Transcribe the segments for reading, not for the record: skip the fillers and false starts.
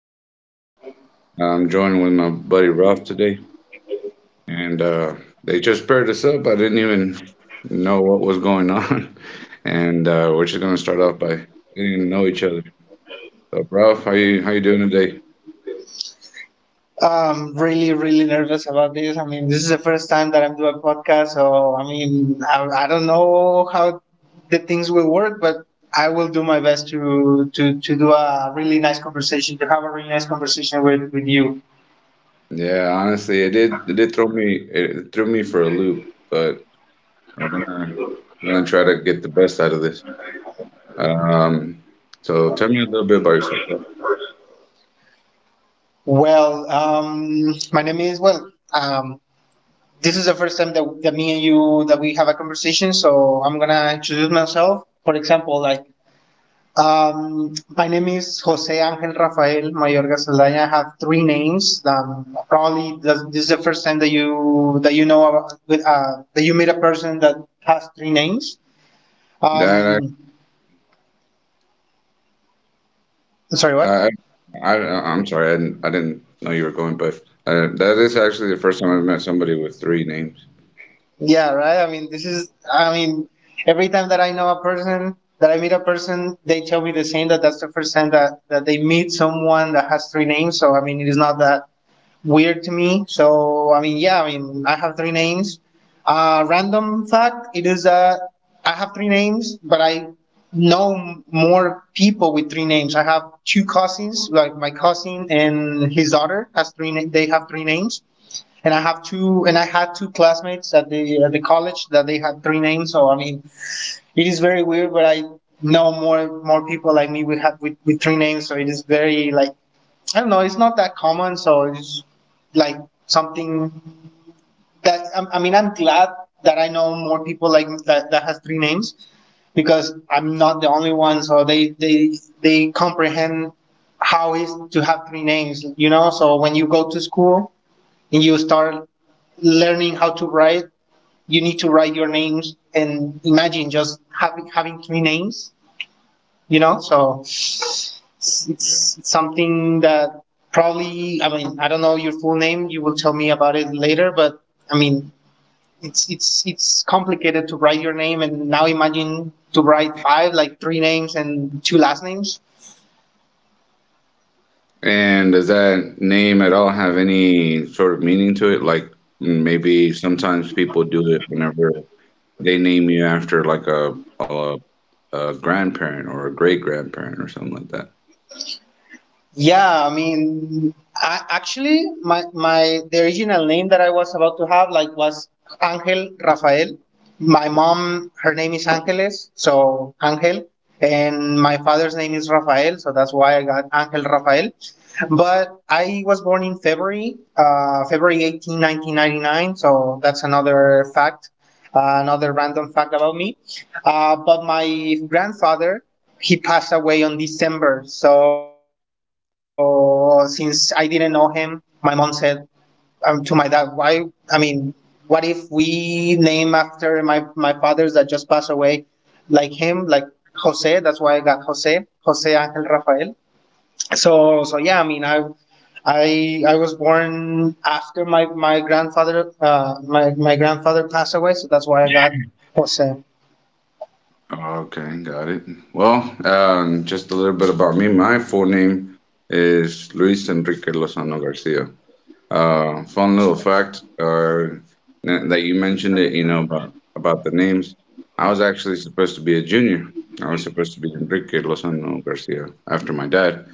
one. I'm joined with my buddy Ralph today, and they just paired us up. I didn't even know what was going on, and we're just gonna start off by getting to know each other. So, Ralph, how you doing today? I'm really nervous about this. I mean, this is the first time that I'm doing a podcast, so I mean, I don't know how the things will work, but I will do my best to do a really nice conversation, to have a really nice conversation with you. Yeah, honestly, it threw me for a loop, but we're gonna we're gonna try to get the best out of this. Um, so tell me a little bit about yourself, Ralph. Well, my name is well. Um, this is the first time that me and you that we have a conversation, so I'm gonna introduce myself. For example, like my name is Jose Angel Rafael Mayorga Saldaña. I have three names. Probably this is the first time that you know about, with, that you meet a person that has three names. Um, That Sorry, what? Uh, I'm sorry, I didn't know you were going, but that is actually the first time I've met somebody with three names. Yeah, right. I mean, every time that I know a person that I meet a person, they tell me the same that 's the first time that they meet someone that has three names. So I mean, it is not that weird to me. So I mean, yeah, I mean, I have three names. Random fact: it is I have three names, but I know more people with three names. I have two cousins, like my cousin and his daughter has they have three names, and I have two, and I had two classmates at the college that they had three names. So I mean, it is very weird, but I know more people like me with with three names, so it is very like I don't know. It's not that common, so it's like something that I'm- I mean. I'm glad that I know more people like that that has three names because I'm not the only one. So they comprehend how is to have three names. You know, so when you go to school and you start learning how to write, you need to write your names and imagine just having three names, you know, so Yeah. it's something that probably, I mean, I don't know your full name. You will tell me about it later, but I mean, it's complicated to write your name, and now imagine to write five, like three names and two last names. And does that name at all have any sort of meaning to it? Like maybe sometimes people do it whenever they name you after a, a grandparent or a great grandparent or something like that. Yeah, I mean, actually, my the original name that I was about to have like was Angel Rafael. My mom, her name is Angeles, so Angel, and my father's name is Rafael, so that's why I got Angel Rafael. But I was born in February, February 18, 1999. So that's another fact, another random fact about me. But my grandfather, he passed away on December. So since I didn't know him, my mom said to my dad, why? I mean, what if we name after my fathers that just passed away, like him, like Jose? That's why I got Jose, Jose Angel Rafael. So so yeah, I mean, I I was born after my grandfather. My grandfather passed away, so that's why I got Jose. Okay, got it. Well, just a little bit about me. My full name is Luis Enrique Lozano Garcia. Fun little fact, that you mentioned it, you know, about the names. I was actually supposed to be a junior. I was supposed to be Enrique Lozano Garcia after my dad.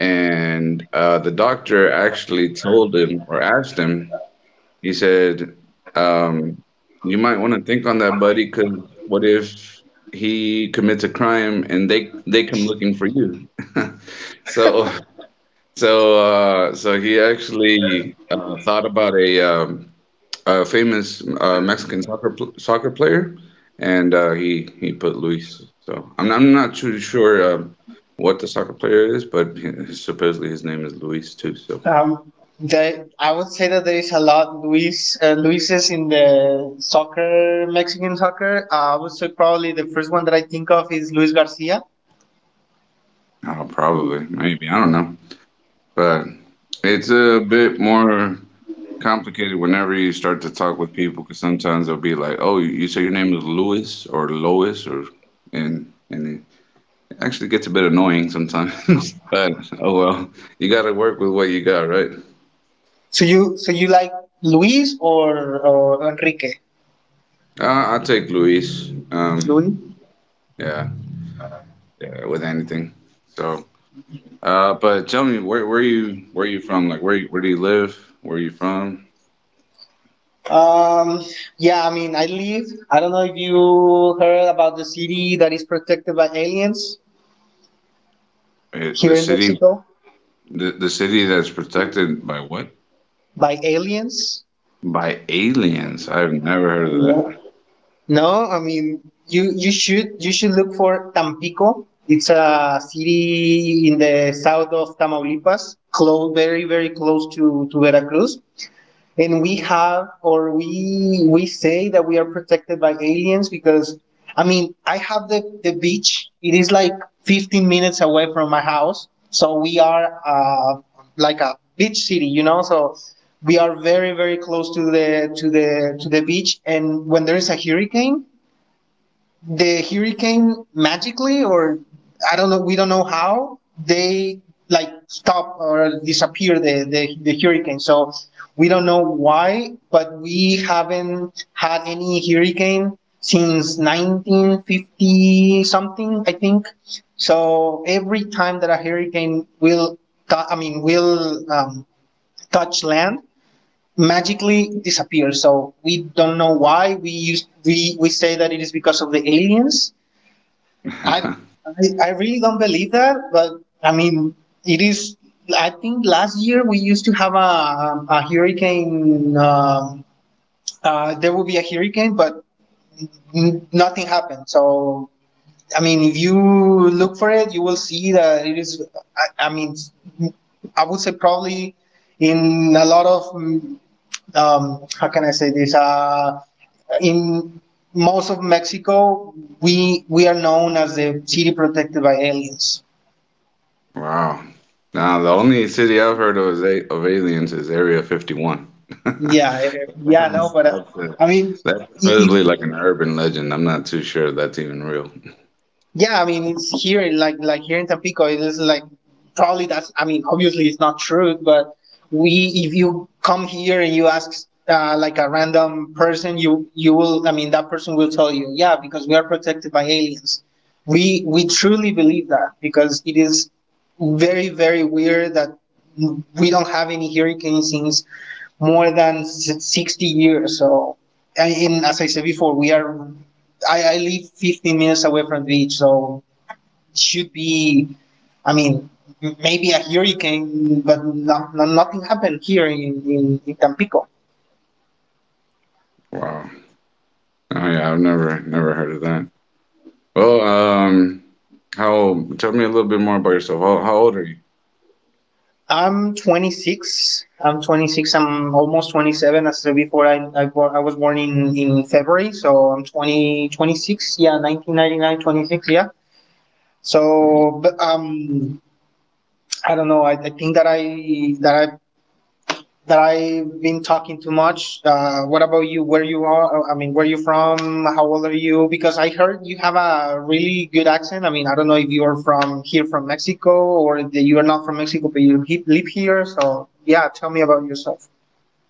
And the doctor actually told him or asked him, he said, um, "You might want to think on that, buddy, because what if he commits a crime and they come looking for you?" So, so he actually thought about a famous Mexican soccer player, and he put Luis. So I'm not too sure what the soccer player is, but supposedly his name is Luis too. So um they, I would say that there is a lot Luis, Luises in the soccer, Mexican soccer. I would say probably the first one that I think of is Luis Garcia. Probably, maybe, I don't know. But it's a bit more complicated whenever you start to talk with people because sometimes they'll be like, "Oh, you say your name is Louis or Lois," or," and it actually gets a bit annoying sometimes. But oh well, you got to work with what you got, right? So you like Luis or Enrique? I take Luis. Luis. Yeah, yeah, with anything. So, but tell me, where you from? Like, where do you live? Where you from? Um, yeah, I mean, I live. I don't know if you heard about the city that is protected by aliens The here in city, Mexico. the city that's protected by what? By aliens? By aliens. I've never heard Yeah. of No, I mean, you should look for Tampico. It's a city in the south of Tamaulipas, close, very close to Veracruz. And we have, or we say that we are protected by aliens because I mean I have the beach. It is like 15 minutes away from my house, so we are like a beach city, you know. So we are very close to the to the beach, and when there is a hurricane, the hurricane magically, or I don't know, we don't know how they like stop or disappear the hurricane. So we don't know why, but we haven't had any hurricane since 1950 something, I think. So every time that a hurricane will touch land, magically it disappears. So we don't know why. We used, we say that it is because of the aliens. I, that. I really don't believe that, but I mean, it is. I think last year we used to have a hurricane. There will be a hurricane, but nothing happened. So I mean, if you look for it, you will see that it is. I mean, I would say probably in a lot of how can I say this? In most of Mexico, we are known as the city protected by aliens. Wow. Now, the only city I've heard of, is a of aliens is Area 51. Yeah, eh, eh, yeah, no, That's, but that's, a, I mean, that's i- supposedly like an urban legend. I'm not too sure that's even real. yeah, I mean it's here, like here in Tampico, it is like probably that's. I mean, obviously it's not true, but we, if you come here and you ask like a random person, you will. I mean, that person will tell you, yeah, because we are protected by aliens. We truly believe that because it is very weird that we don't have any hurricane scenes more than 60 years. So, and as I said before, I live 15 minutes away from the beach, so it should be, I mean, maybe a hurricane, but nothing happened here in Tampico. Wow. Oh yeah, I've never heard of that. Well, how tell me a little bit more about yourself. How old are you? I'm 26. I'm 26. I'm almost 27. As I said before, I was born in February, so I'm 26. Yeah, 1999, 26. Yeah. So, but I don't know. I think that I that I've been talking too much. What about you? Where you are? I mean, where you from? How old are you? Because I heard you have a really good accent. I mean, I don't know if you are from here from Mexico or that you are not from Mexico, but you live here. So yeah, tell me about yourself.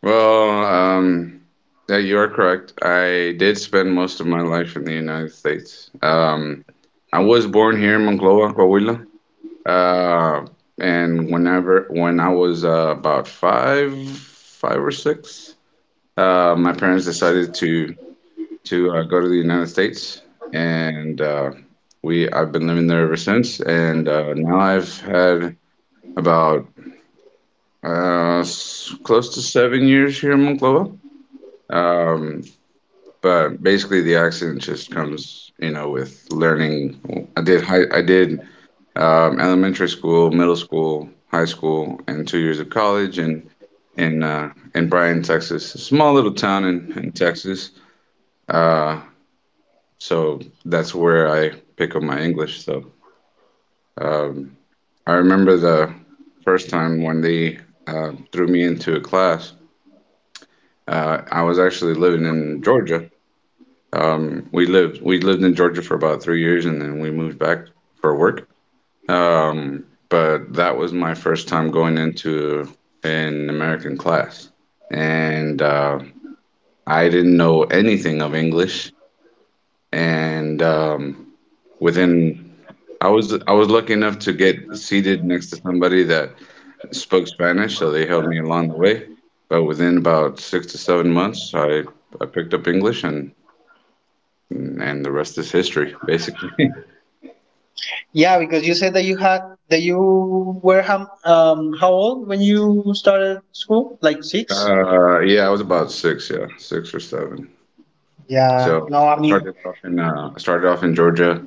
Well, yeah, you are correct. I did spend most of my life in the United States. I was born here in Monclova, Coahuila. Uh, and whenever when I was about five, five or six, my parents decided to go to the United States, and we I've been living there ever since. And now I've had about close to 7 years here in Monclova. Um, but basically the accent just comes, you know, with learning. I did elementary school, middle school, high school, and 2 years of college in in Bryan, Texas, a small little town in Texas. uh, so that's where I pick up my English. Um, I remember the first time when they threw me into a class. I was actually living in Georgia. We lived in Georgia for about 3 years, and then we moved back for work. But that was my first time going into an American class, and I didn't know anything of English. And within, I was lucky enough to get seated next to somebody that spoke Spanish, so they helped me along the way. But within about 6 to 7 months, I picked up English, and the rest is history, basically. Yeah, because you said that you had that you were how old when you started school? Like six? Yeah, I was about six, yeah, six or seven. Yeah. So No, I mean. I started off in Georgia.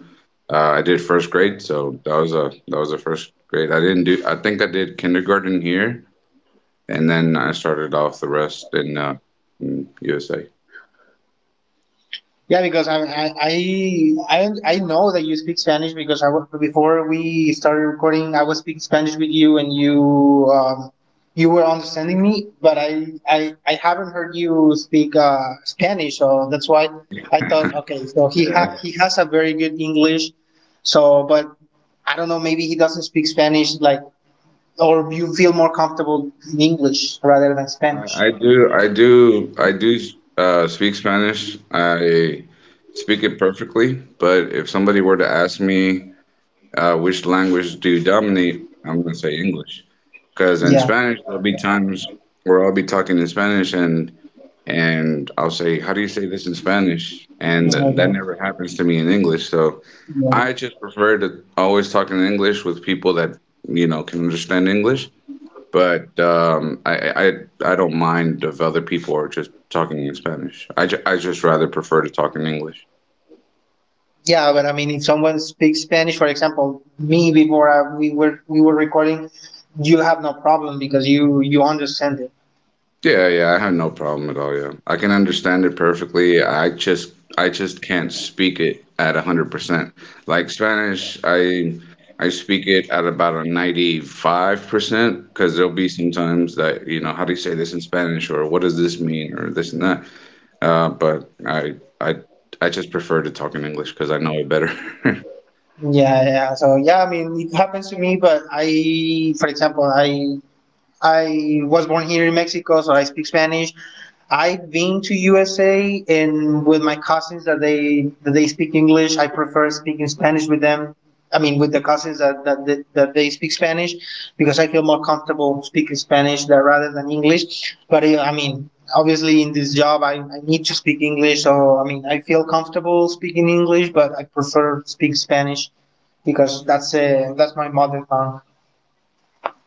I did first grade, so that was a first grade. I didn't do. I think I did kindergarten here, and then I started off the rest in USA. Yeah, because I know that you speak Spanish because I was before we started recording, I was speaking Spanish with you and you you were understanding me, but I haven't heard you speak Spanish, so that's why I thought, okay, so Yeah, he has a very good English, so but I don't know, maybe he doesn't speak Spanish like or you feel more comfortable in English rather than Spanish. I do speak Spanish. I speak it perfectly. But if somebody were to ask me which language do you dominate, I'm gonna say English. Because in Yeah. Spanish, there'll be times where I'll be talking in Spanish and I'll say, "How do you say this in Spanish?" And that Okay. never happens to me in English. So Yeah. I just prefer to always talk in English with people that, you know, can understand English. But I don't mind if other people are just talking in Spanish. I just rather prefer to talk in English. Yeah, but I mean, if someone speaks Spanish, for example, me before we were recording, you have no problem because you understand it. Yeah, yeah, I have no problem at all, yeah. I can understand it perfectly. I just can't speak it at 100%. Like Spanish, I speak it at about a 95% because there'll be some times that, you know, how do you say this in Spanish or what does this mean or this and that. But I I just prefer to talk in English because I know it better. Yeah. So yeah, I mean, it happens to me, but I, for example, I was born here in Mexico, so I speak Spanish. I've been to USA and with my cousins that they speak English. I prefer speaking Spanish with them. I mean, with the cousins that they speak Spanish, because I feel more comfortable speaking Spanish than, rather than English. But I mean, obviously in this job, I need to speak English. So I mean, I feel comfortable speaking English, but I prefer speak Spanish because that's my mother tongue.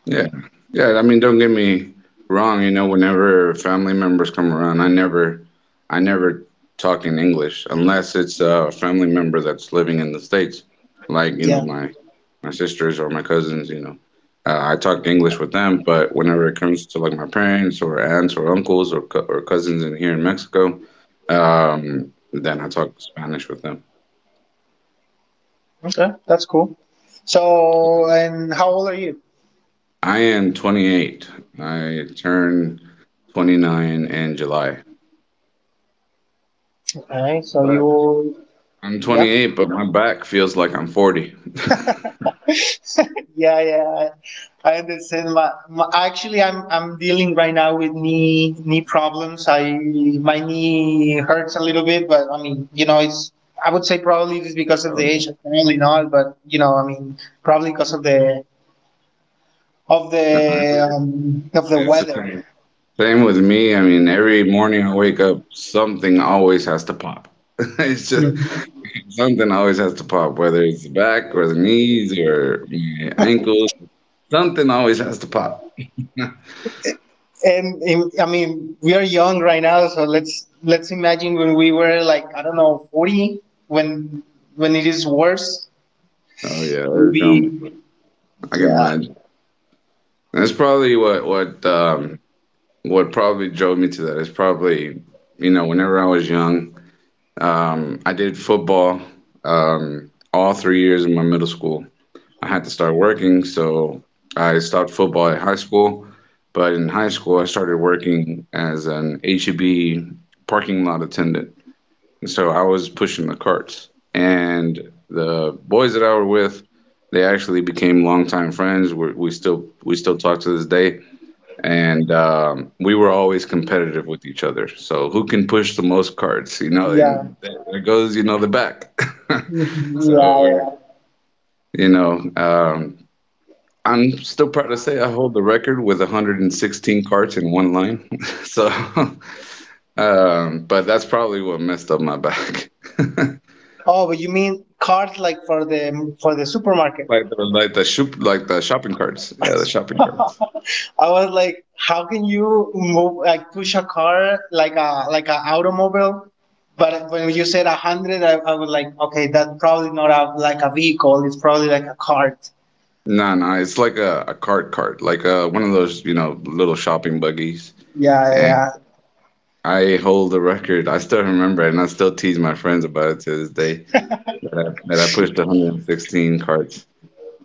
Yeah. Yeah. I mean, don't get me wrong, you know, whenever family members come around, I never talk in English unless it's a family member that's living in the States, like, you know, Yeah. my sisters or my cousins, you know. I talk English with them, but whenever it comes to like my parents or aunts or uncles or co or cousins in here in Mexico, then I talk Spanish with them. Okay, that's cool. So, and how old are you? I am 28. I turned 29 in July. Okay, so But. you, I'm yeah, 28, but my back feels like I'm 40. yeah. I understand. Actually, I'm dealing right now with knee problems. I, my knee hurts a little bit, but I mean, you know, it's I would say probably it's because of the Oh yeah. age. Probably not, but you know, I mean, probably because of the No, every- of the It's the weather. same. Same with me. I mean, every morning I wake up, something always has to pop. It's just something always has to pop, whether it's the back or the knees or my ankles. Something always has to pop. I mean, we are young right now, so let's imagine when we were like I don't know 40, when it is worse, Oh yeah, we'll there's gonna be- be. I can Yeah. imagine. That's probably what probably drove me to that. It's probably, you know, whenever I was young. I did football, all 3 years in my middle school. I had to start working, so I stopped football at high school. But in high school, I started working as an HEB parking lot attendant. And so I was pushing the carts. And the boys that I were with, they actually became longtime friends. We still talk to this day, and we were always competitive with each other. So who can push the most cards, you know? Yeah And there goes, you know, the back. Mhm, so yeah, we're, yeah. you know, I'm still proud to say I hold the record with 116 cards in one line. so, but that's probably what messed up my back. Oh, but you mean cards like for the supermarket? Like the shopping carts. Yeah, the shopping carts. I was like, how can you move like push a car like a like an automobile? But when you said a hundred, I was like, okay, that's probably not a, like a vehicle. It's probably like a cart. No, no, it's like a cart cart, like one of those, you know, little shopping buggies. Yeah, yeah. And yeah. I hold the record. I still remember it, and I still tease my friends about it to this day that I pushed 116 carts.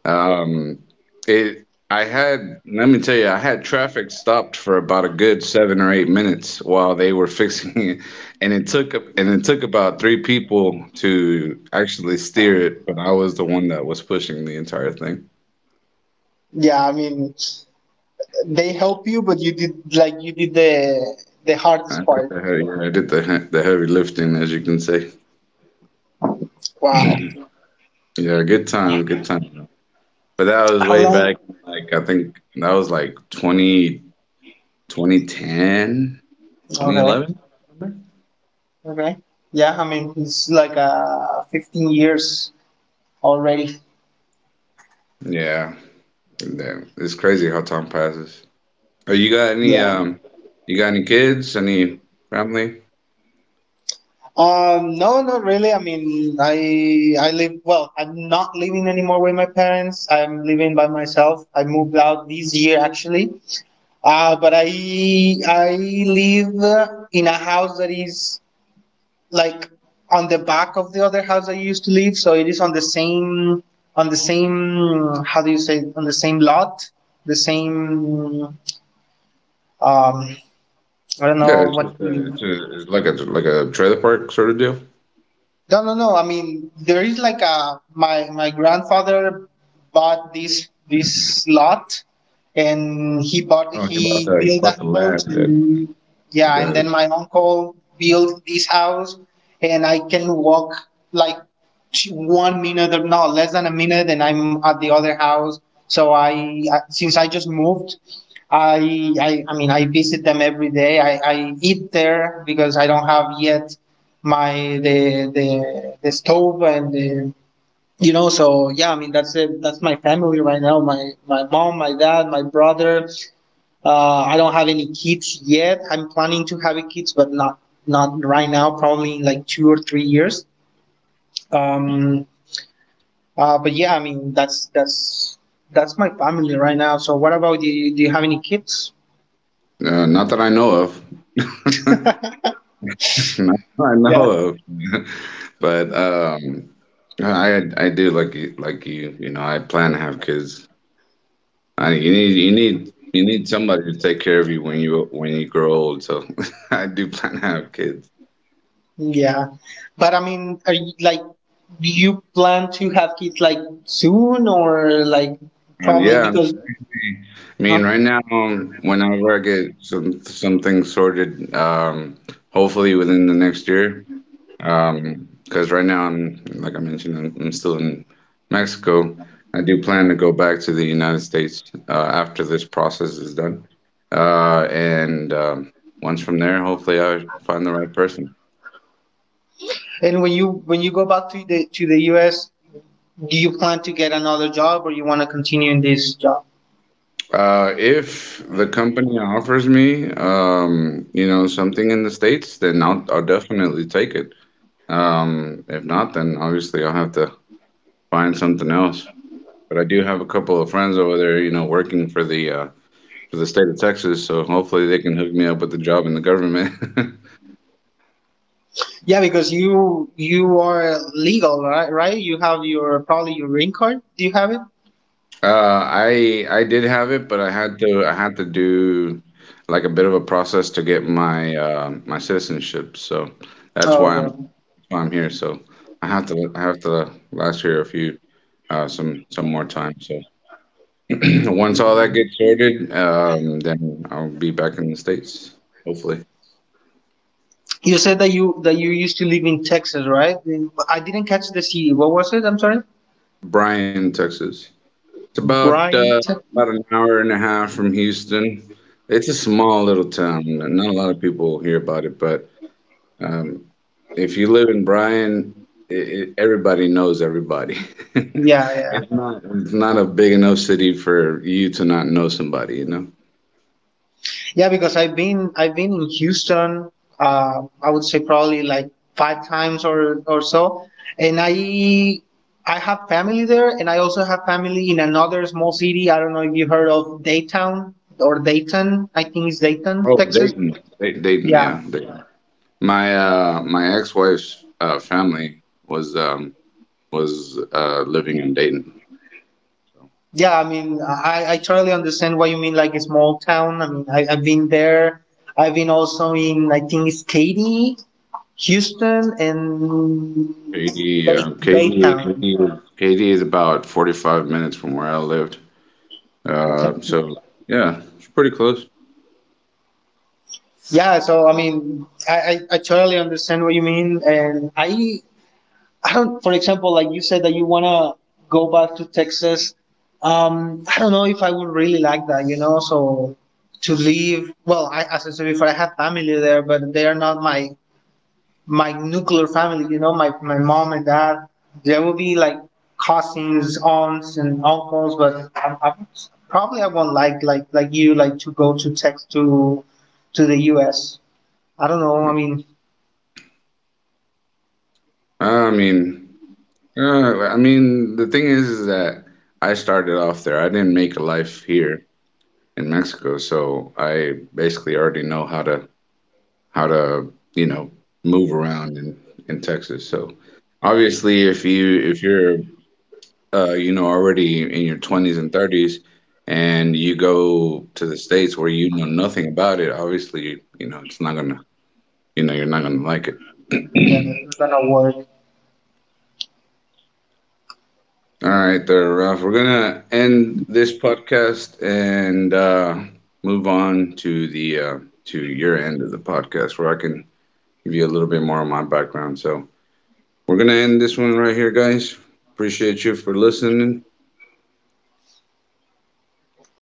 Um, it I had let me tell you, I had traffic stopped for about a good 7 or 8 minutes while they were fixing it, and it took about three people to actually steer it, but I was the one that was pushing the entire thing. Yeah, I mean, they help you, but you did like you did the hardest part. I did the heavy lifting, as you can say. Wow. Yeah, good time, good time. But that was How way long? back, like I think that was like 20 2010, twenty Okay. eleven. Okay. Yeah, I mean, it's like 15 years already. Yeah. Damn. It's crazy how time passes. Oh, Yeah. You got any kids? Any family? No, not really. I mean, I live well. I'm not living anymore with my parents. I'm living by myself. I moved out this year actually. But I live in a house that is like on the back of the other house I used to live. So it is on the same how do you say it? On the same lot, the same um I don't know Yeah, it's what. just a, it's, a, it's like a trailer park sort of deal. No, I mean, there is like a my grandfather bought this lot, and Oh, he you built a bought the land. house, and And then You yeah, and got then it. my uncle built this house, and I can walk like 1 minute or no, less than a minute, and I'm at the other house. So I since I just moved, I mean I visit them every day. I eat there because I don't have yet my the stove and the, you know. So yeah, I mean, that's it, that's my family right now, my mom, my dad, my brother. I don't have any kids yet. I'm planning to have kids, but not right now, probably in like 2 or 3 years. um but yeah, I mean, that's that's my family right now. So what about you? Do you have any kids? Not that I know of. Not that I know Yeah. of. But I do, like you, like you. You know, I plan to have kids. You need somebody to take care of you when you grow old. So I do plan to have kids. Yeah, but I mean, are you, like, do you plan to have kids like soon or like And probably yeah, because? I Huh? mean right now, whenever I get some things sorted, hopefully within the next year, because right now I'm, like I mentioned, I'm still in Mexico. I do plan to go back to the United States after this process is done, and once from there, hopefully I find the right person. And when you go back to the U.S., do you plan to get another job or you want to continue in this job? If the company offers me, you know, something in the States, then I'll definitely take it. If not, then obviously I'll have to find something else. But I do have a couple of friends over there, you know, working for the state of Texas, so hopefully they can hook me up with a job in the government. Yeah, because you are legal, right? Right? You have your probably your green card. Do you have it? I did have it, but I had to do like a bit of a process to get my my citizenship, so Oh, that's why I'm. okay. Well, I'm here, so I have to last here a few some more time. So once all that Mhm. gets sorted, then I'll be back in the States, hopefully. You said that you used to live in Texas, right? I didn't catch the city. What was it? I'm sorry. Bryan, Texas. It's Brian. About an hour and a half from Houston. It's a small little town. And Not a lot of people hear about it, but um if you live in Bryan, everybody knows everybody. Yeah, yeah, It's not a big enough city for you to not know somebody, you know? yeah. Because I've been in Houston. I would say probably like five times or so, and I have family there, and I also have family in another small city. I don't know if you heard of Dayton or Dayton. I think it's Dayton, Oh, Texas. Dayton, Yeah. Dayton. My my ex-wife's family was living in Dayton. Yeah, I mean, I totally understand what you mean, like a small town. I mean, I've been there. I've been also in, I think it's Katy, Houston, and Katy, uh, Katy, Baytown. Katy, Katy is about 45 minutes from where I lived. Okay. So yeah, it's pretty close. Yeah. So I mean, I totally understand what you mean, and I don't. For example, like you said that you wanna go back to Texas. I don't know if I would really like that. You know, so to leave. Well, as I said before, I have family there, but they are not my nuclear family. You know, my mom and dad. There will be like cousins, aunts, and uncles, but probably I won't like like you like to go to Tex to the U.S. I don't know. I mean, Uh, I mean, I mean, the thing is that I started off there. I didn't make a life here in Mexico, so I basically already know how to, you know, move around in Texas. So obviously, if you're you know already in your 20s and 30s and you go to the states where you know nothing about it, obviously, you know, it's not gonna, you know, you're not gonna like it. yeah, it's gonna work. All right, there, Ralph. We're gonna end this podcast and move on to the to your end of the podcast where I can give you a little bit more of my background. So. We're going to end this one right here, guys. Appreciate you for listening.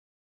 Yeah,